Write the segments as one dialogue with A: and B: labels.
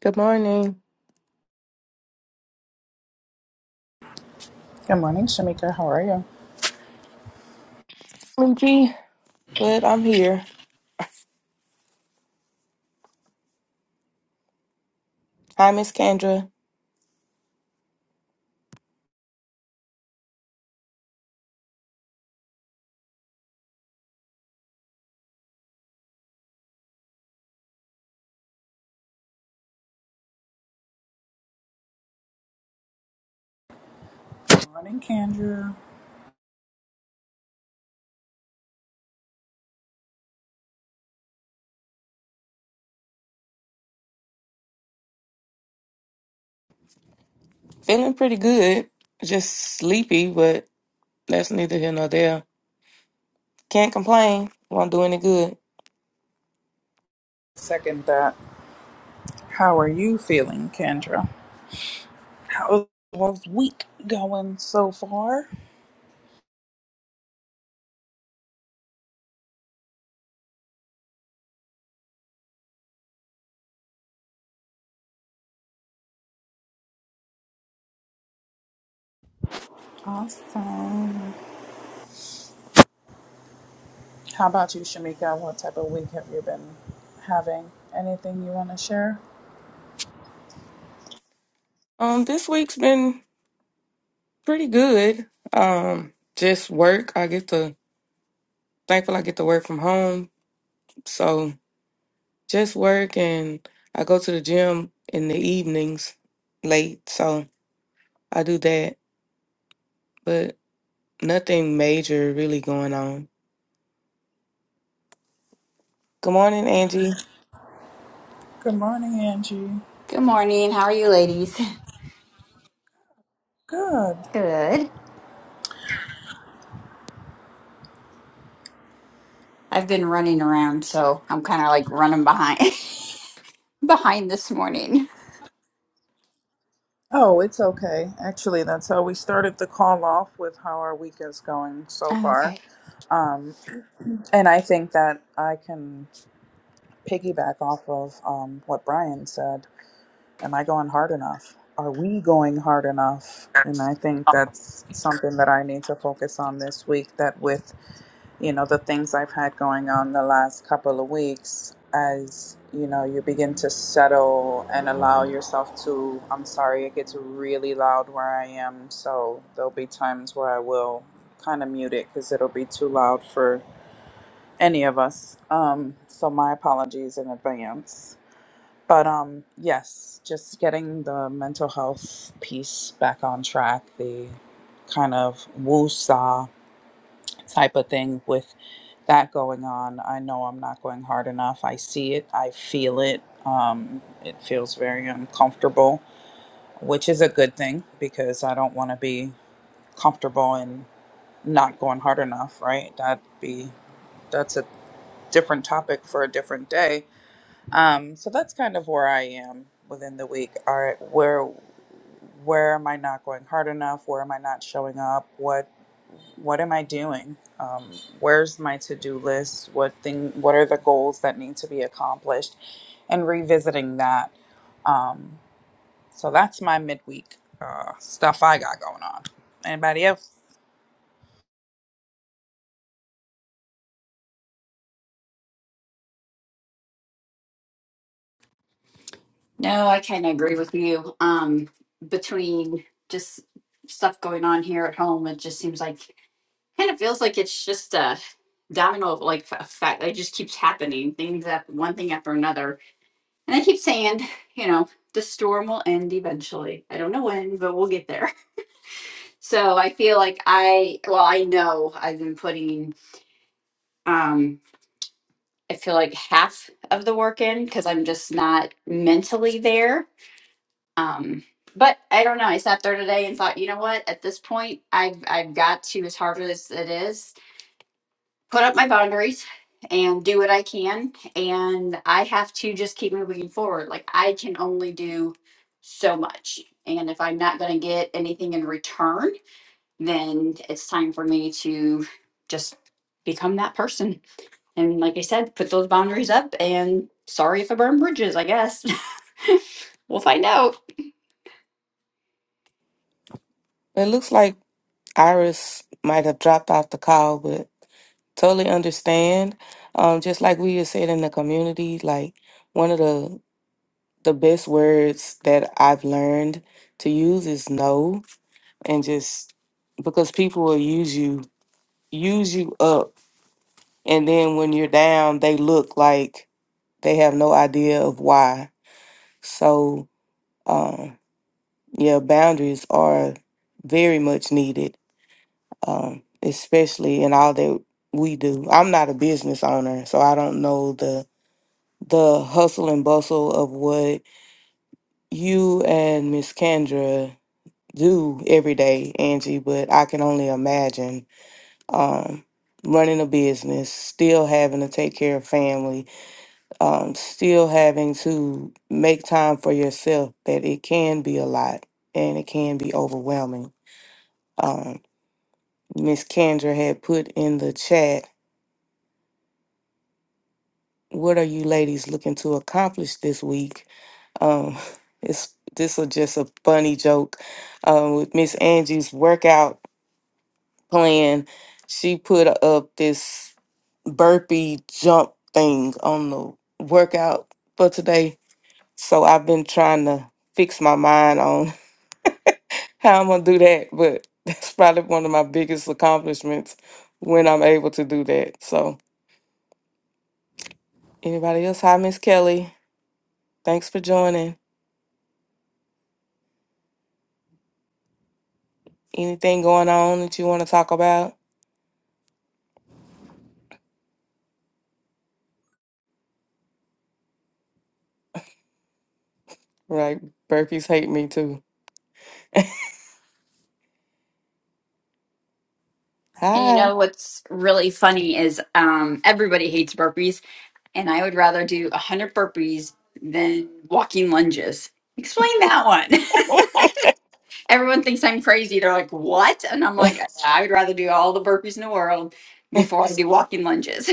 A: Good morning.
B: Good morning, Shamika. How are you?
A: Sleepy, but I'm here. Hi, Miss Kendra.
B: Good morning, Kendra.
A: Feeling pretty good. Just sleepy, but that's neither here nor there. Can't complain. Won't do any good.
B: Second that. How are you feeling, Kendra? How's the week going so far? Awesome. How about you, Shamika? What type of week have you been having? Anything you want to share?
A: Um, this week's been pretty good. Um, just work. I get to thankful I get to work from home. So just work and I go to the gym in the evenings late, so I do that. But nothing major really going on. Good morning, Angie.
B: Good morning, Angie.
C: Good morning. How are you, ladies?
B: Good.
C: Good. I've been running around, so I'm kind of like running behind behind this morning.
B: Oh, it's okay. Actually, that's how we started the call off with how our week is going so
C: Oh,
B: far.
C: okay.
B: Um, and I think that I can. piggyback off of um, what Brian said. Am I going hard enough? Are we going hard enough? And I think that's something that I need to focus on this week. That with you know the things I've had going on the last couple of weeks, as you know, you begin to settle and allow yourself to. I'm sorry, it gets really loud where I am, so there'll be times where I will kind of mute it because it'll be too loud for any of us. Um, so my apologies in advance but um, yes, just getting the mental health piece back on track, the kind of woo-saw type of thing with that going on. I know I'm not going hard enough. I see it. I feel it. Um, it feels very uncomfortable, which is a good thing because I don't want to be comfortable and not going hard enough, right? That'd be that's a different topic for a different day um, so that's kind of where I am within the week. All right, where where am I not going hard enough? Where am I not showing up? What what am I doing? Um, where's my to do list? What thing? What are the goals that need to be accomplished? And revisiting that. Um, so that's my midweek uh, stuff I got going on. Anybody else?
C: No, I kind of agree with you. Um, between just stuff going on here at home, it just seems like kind of feels like it's just a domino of like f- effect. It just keeps happening. Things up one thing after another, and I keep saying, you know, the storm will end eventually. I don't know when, but we'll get there. So I feel like I, well, I know I've been putting, um, I feel like half of the work in because I'm just not mentally there. Um, but I don't know. I sat there today and thought, you know what? At this point, I've I've got to, as hard as it is, put up my boundaries and do what I can. And I have to just keep moving forward. Like I can only do so much. And if I'm not going to get anything in return, then it's time for me to just become that person. And like I said, put those boundaries up and sorry if I burn bridges, I guess. we'll find out.
A: It looks like Iris might have dropped off the call, but totally understand. Um, just like we had said in the community, like one of the the best words that I've learned to use is no, and just because people will use you use you up, and then when you're down, they look like they have no idea of why. So, um, yeah, boundaries are very much needed um, especially in all that we do. I'm not a business owner, so I don't know the the hustle and bustle of what you and Miss Kendra do every day, Angie. But I can only imagine um, running a business, still having to take care of family, um, still having to make time for yourself. That it can be a lot and it can be overwhelming. Um, Miss Kendra had put in the chat what are you ladies looking to accomplish this week? Um, it's this is just a funny joke. Um, with Miss Angie's workout plan, she put up this burpee jump thing on the workout for today. So I've been trying to fix my mind on how I'm gonna do that, but that's probably one of my biggest accomplishments when I'm able to do that. So anybody else? Hi, Miss Kelly. Thanks for joining. Anything going on that you want to talk about? Like burpees hate me too.
C: And you
A: Hi,
C: know what's really funny is um, everybody hates burpees, and I would rather do 100 burpees than walking lunges. Explain that one. Everyone thinks I'm crazy. They're like, what? And I'm like, "Yeah, I would rather do all the burpees in the world before I do walking lunges.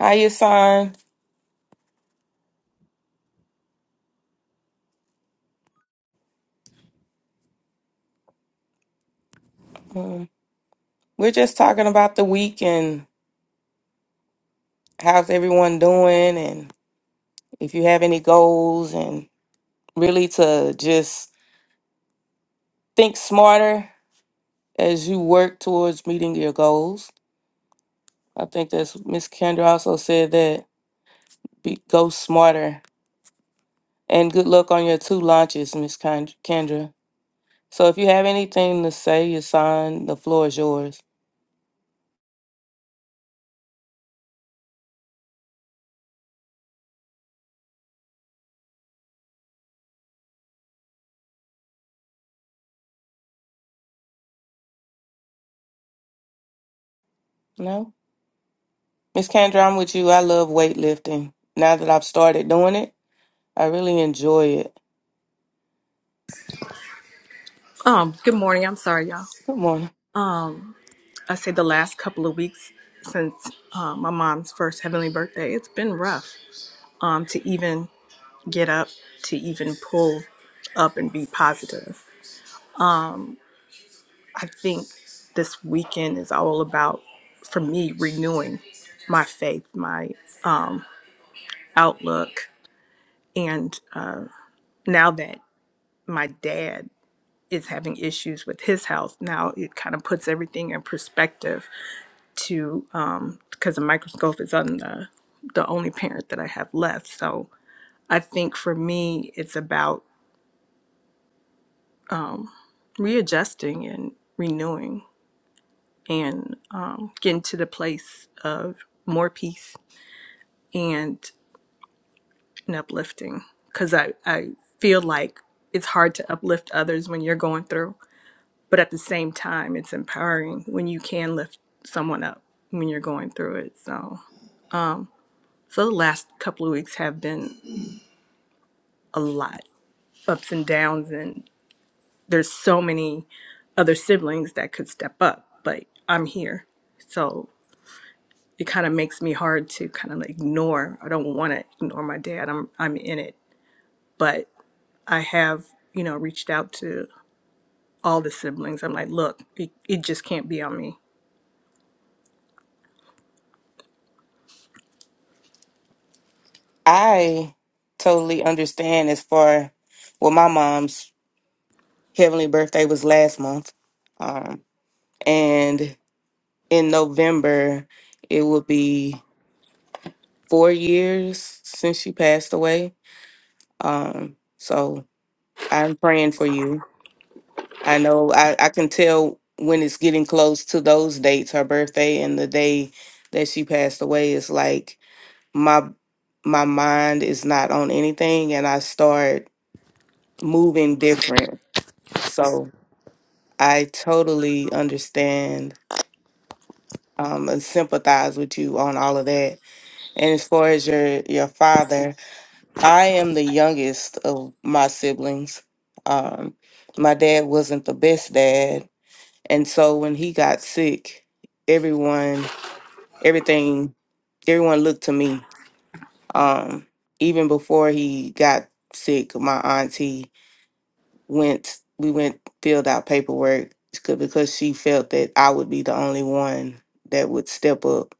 A: hi, your son. Um, we're just talking about the week and how's everyone doing, and if you have any goals, and really to just think smarter as you work towards meeting your goals. I think that's Miss Kendra also said that be, go smarter. And good luck on your two launches, Miss Kend- Kendra. So if you have anything to say, your son, the floor is yours. No. Miss Kendra, I'm with you. I love weightlifting. Now that I've started doing it, I really enjoy it.
D: Um, good morning. I'm sorry, y'all.
A: Good morning.
D: I say the last couple of weeks since uh, my mom's first heavenly birthday, it's been rough um, to even get up, to even pull up and be positive. I think this weekend is all about, for me, renewing my faith, my outlook. And uh, now that my dad is having issues with his health, now it kind of puts everything in perspective to um because the microscope is on the the only parent that I have left. So I think for me it's about readjusting and renewing and um, getting to the place of more peace and an uplifting because I, I feel like it's hard to uplift others when you're going through but at the same time it's empowering when you can lift someone up when you're going through it so so the last couple of weeks have been a lot ups and downs and there's so many other siblings that could step up but i'm here so it kind of makes me hard to kind of ignore i don't want to ignore my dad i'm i'm in it but i have you know reached out to all the siblings i'm like look it, it just can't be on me
A: I totally understand as far well, my mom's heavenly birthday was last month. Um, and in November it will be four years since she passed away. Um, so I'm praying for you. I know I, I can tell when it's getting close to those dates, her birthday and the day that she passed away is like my my mind is not on anything and I start moving different. So I totally understand um, and sympathize with you on all of that. And as far as your your father, I am the youngest of my siblings. Um, my dad wasn't the best dad And so when he got sick, everyone, everything, everyone looked to me. Um, even before he got sick, my auntie went, we went, filled out paperwork c- because she felt that I would be the only one that would step up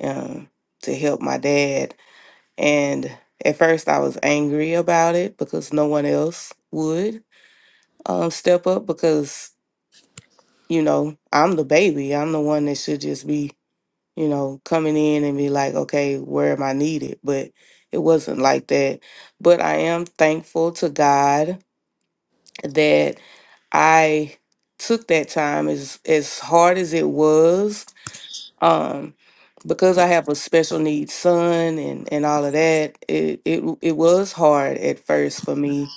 A: um, to help my dad. And at first I was angry about it because no one else would um, step up because, you know, I'm the baby. I'm the one that should just be you know, coming in and be like, okay, where am I needed? But it wasn't like that. But I am thankful to God that I took that time as as hard as it was. Um because I have a special needs son and, and all of that, it, it w- it was hard at first for me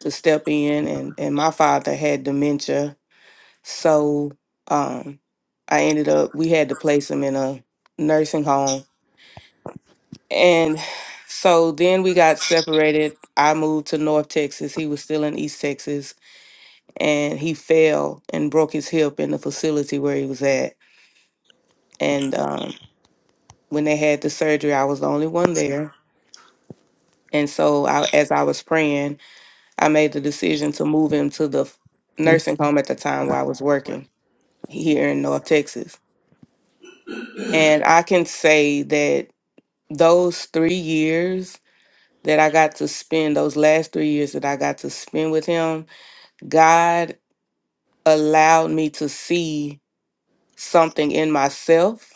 A: to step in and, and my father had dementia. So um I ended up we had to place him in a nursing home And so then we got separated. I moved to North Texas. He was still in East Texas and he fell and broke his hip in the facility where he was at. And um, when they had the surgery, I was the only one there. And so I, as I was praying, I made the decision to move him to the f- nursing home at the time where I was working here in North Texas. And I can say that those three years that I got to spend, those last three years that I got to spend with him, God allowed me to see something in myself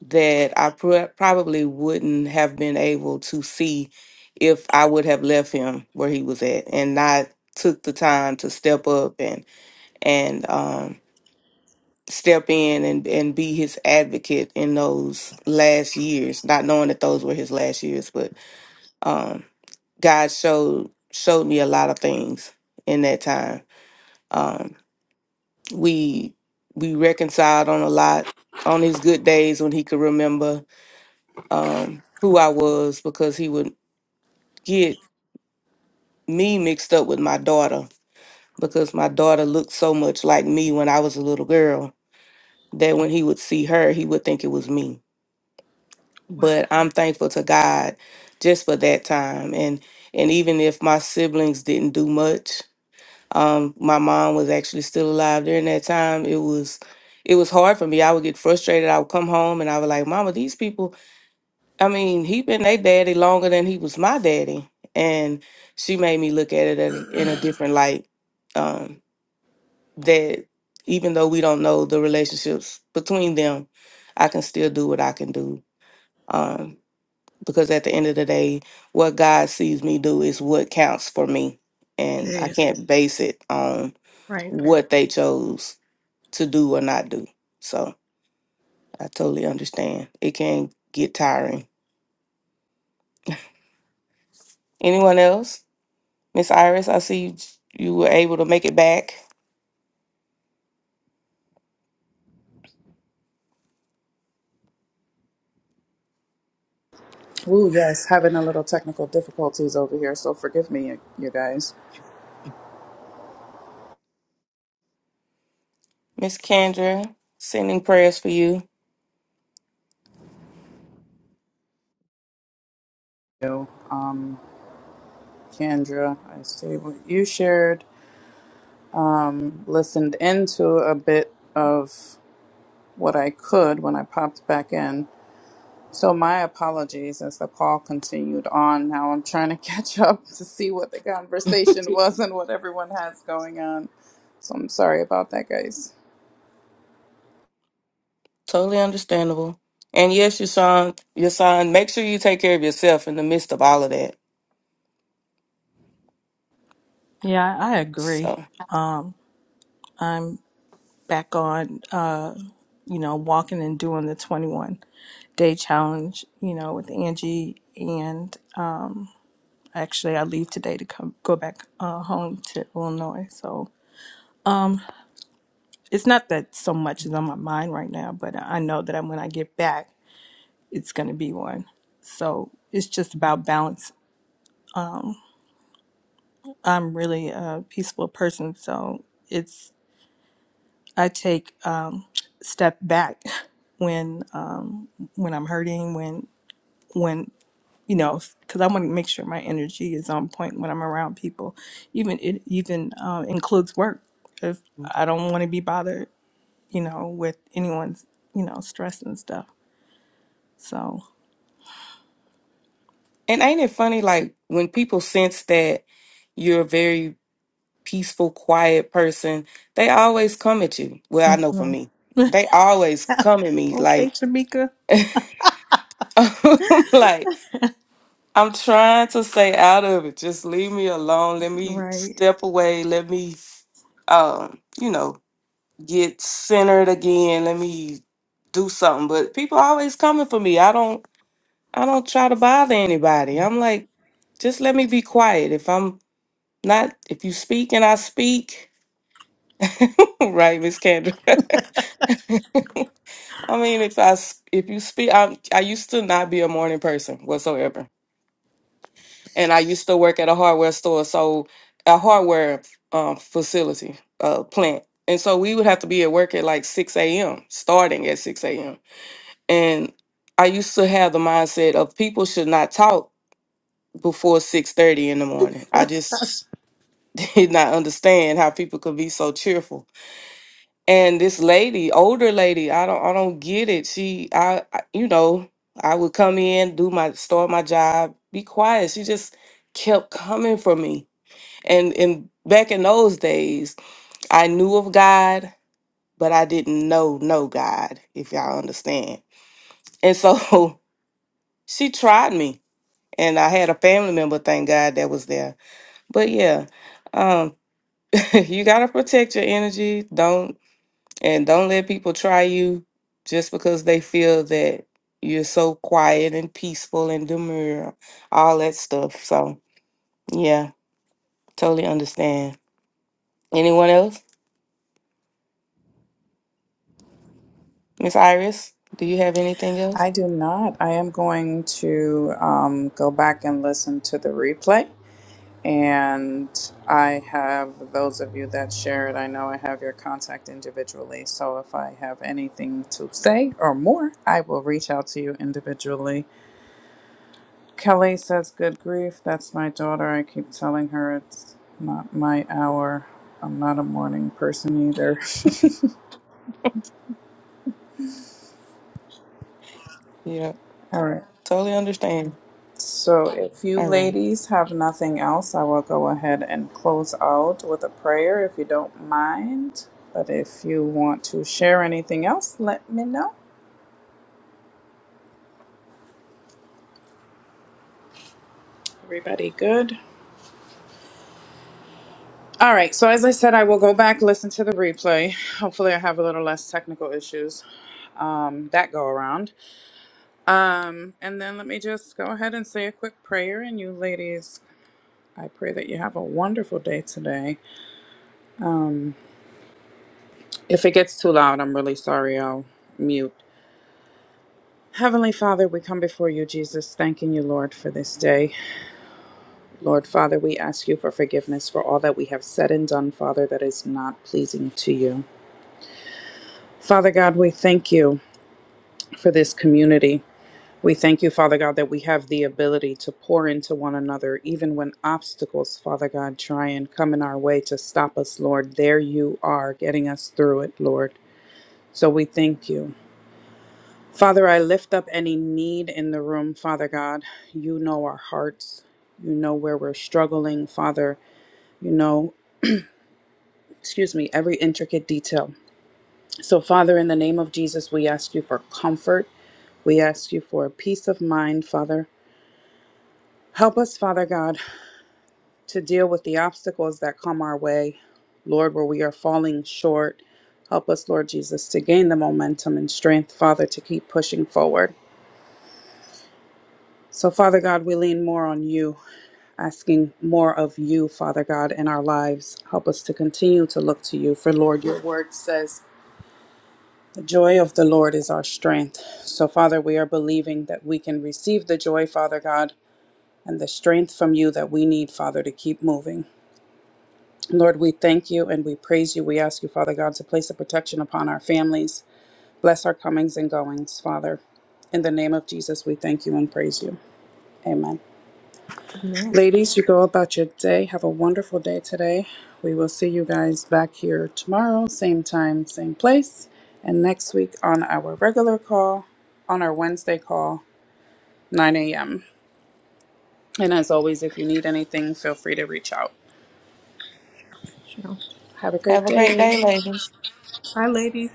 A: that I pro- probably wouldn't have been able to see if I would have left him where he was at and not took the time to step up and and um step in and and be his advocate in those last years not knowing that those were his last years but um God showed showed me a lot of things in that time. Um we we reconciled on a lot on his good days when he could remember um who I was because he would get me mixed up with my daughter because my daughter looked so much like me when I was a little girl that when he would see her he would think it was me
D: wow
A: but I'm thankful to God just for that time and and even if my siblings didn't do much um my mom was actually still alive during that time it was it was hard for me i would get frustrated i would come home and i would like mama these people i mean he been their daddy longer than he was my daddy and she made me look at it as, in a different light um that even though we don't know the relationships between them i can still do what i can do um because at the end of the day what god sees me do is what counts for me and i
D: yeah
A: can't base it on
D: right
A: what they chose to do or not do. So I totally understand. It can get tiring. Anyone else? Miss Iris, I see you, you were able to make it back.
B: Ooh, yes, having a little technical difficulties over here, so forgive me, you guys.
A: Miss Kendra, sending prayers for you.
B: So, um, Kendra, I see what you shared. um, listened into a bit of what I could when I popped back in. So my apologies as the call continued on. Now I'm trying to catch up to see what the conversation was and what everyone has going on. So I'm sorry about that, guys.
A: Totally understandable. And yes, your son, your son, make sure you take care of yourself in the midst of all of that.
D: Yeah, I agree.
A: So,
D: I'm back on, uh, you know, walking and doing the 21 day challenge, you know, with Angie. Actually, I leave today to come go back uh, home to Illinois. So it's not that so much is on my mind right now, but I know that when I get back, it's going to be one. So it's just about balance. I'm really a peaceful person, so it's I take um, step back when um, when I'm hurting, when when you know because i want to make sure my energy is on point when i'm around people even it even um, includes work if i don't want to be bothered you know with anyone's you know stress and stuff so
A: and ain't it funny, like when people sense that you're very peaceful, quiet person, they always come at you. Well, I know for
D: yeah.
A: me, they always come at me
D: okay
A: like,
D: shamika
A: like I'm trying to stay out of it. Just leave me alone. Let me
D: right
A: step away. Let me, um, you know, get centered again. Let me do something. But people always coming for me. I don't, I don't try to bother anybody. I'm like, just let me be quiet. If I'm not, if you speak and I speak, right, Miss Kendra. I mean, if I s- if you speak, I I used to not be a morning person whatsoever, and I used to work at a hardware store, so a hardware um, facility uh, plant, and so we would have to be at work at like six a.m. starting at six a.m. and I used to have the mindset of people should not talk before six thirty in the morning. I just did not understand how people could be so cheerful And this lady, older lady, I don't I don't get it. She I, I you know, I would come in, do my start my job, be quiet. She just kept coming for me. And and back in those days, I knew of God, but I didn't know no God, if y'all understand. And so she tried me. And I had a family member, thank God, that was there. But yeah, um, you gotta protect your energy. Don't And don't let people try you just because they feel that you're so quiet and peaceful and demure, all that stuff. So, yeah, totally understand. Anyone else? Miss Iris, do you have anything else?
B: I do not. I am going to um, go back and listen to the replay. And I have those of you that share it, I know I have your contact individually. So if I have anything to say or more, I will reach out to you individually. Kelly says, Good grief, that's my daughter. I keep telling her it's not my hour. I'm not a morning person either.
A: Yeah,
B: All right.
A: totally understand.
B: So if you
A: All right.
B: ladies have nothing else, I will go ahead and close out with a prayer if you don't mind. But if you want to share anything else, let me know. Everybody good? All right. So as I said, I will go back listen to the replay. Hopefully, I have a little less technical issues um, that go around. Um, and then let me just go ahead and say a quick prayer. And you ladies, I pray that you have a wonderful day today. If it gets too loud, I'm really sorry. I'll mute. Heavenly Father, we come before you, Jesus, thanking you, Lord, for this day. Lord Father, we ask you for forgiveness for all that we have said and done, Father, that is not pleasing to you. Father God, we thank you. for this community. We thank you, Father God, that we have the ability to pour into one another, even when obstacles, Father God, try and come in our way to stop us, Lord. There you are, getting us through it, Lord. So we thank you. Father, I lift up any need in the room, Father God. You know our hearts. You know where we're struggling, Father. You know, excuse me, every intricate detail. So, Father, in the name of Jesus, we ask you for comfort. We ask you for peace of mind, Father. Help us, Father God, to deal with the obstacles that come our way, Lord, where we are falling short. Help us, Lord Jesus, to gain the momentum and strength, Father, to keep pushing forward. So, Father God, we lean more on you, asking more of you, Father God, in our lives. Help us to continue to look to you, for Lord, your word says, the joy of the Lord is our strength. So, Father, we are believing that we can receive the joy, Father God, and the strength from you that we need, Father, to keep moving. Lord, we thank you and we praise you. We ask you, Father God, to place a protection upon our families. Bless our comings and goings, Father. In the name of Jesus, we thank you and praise you. Amen.
D: man
B: Ladies, you go about your day. Have a wonderful day today. We will see you guys back here tomorrow, same time, same place. And next week on our regular call, on our Wednesday call, 9 a.m. And as always, if you need anything, feel free to reach out.
D: sure.
B: Have a great
A: Have a great
B: day.
A: day, ladies.
D: Hi, ladies.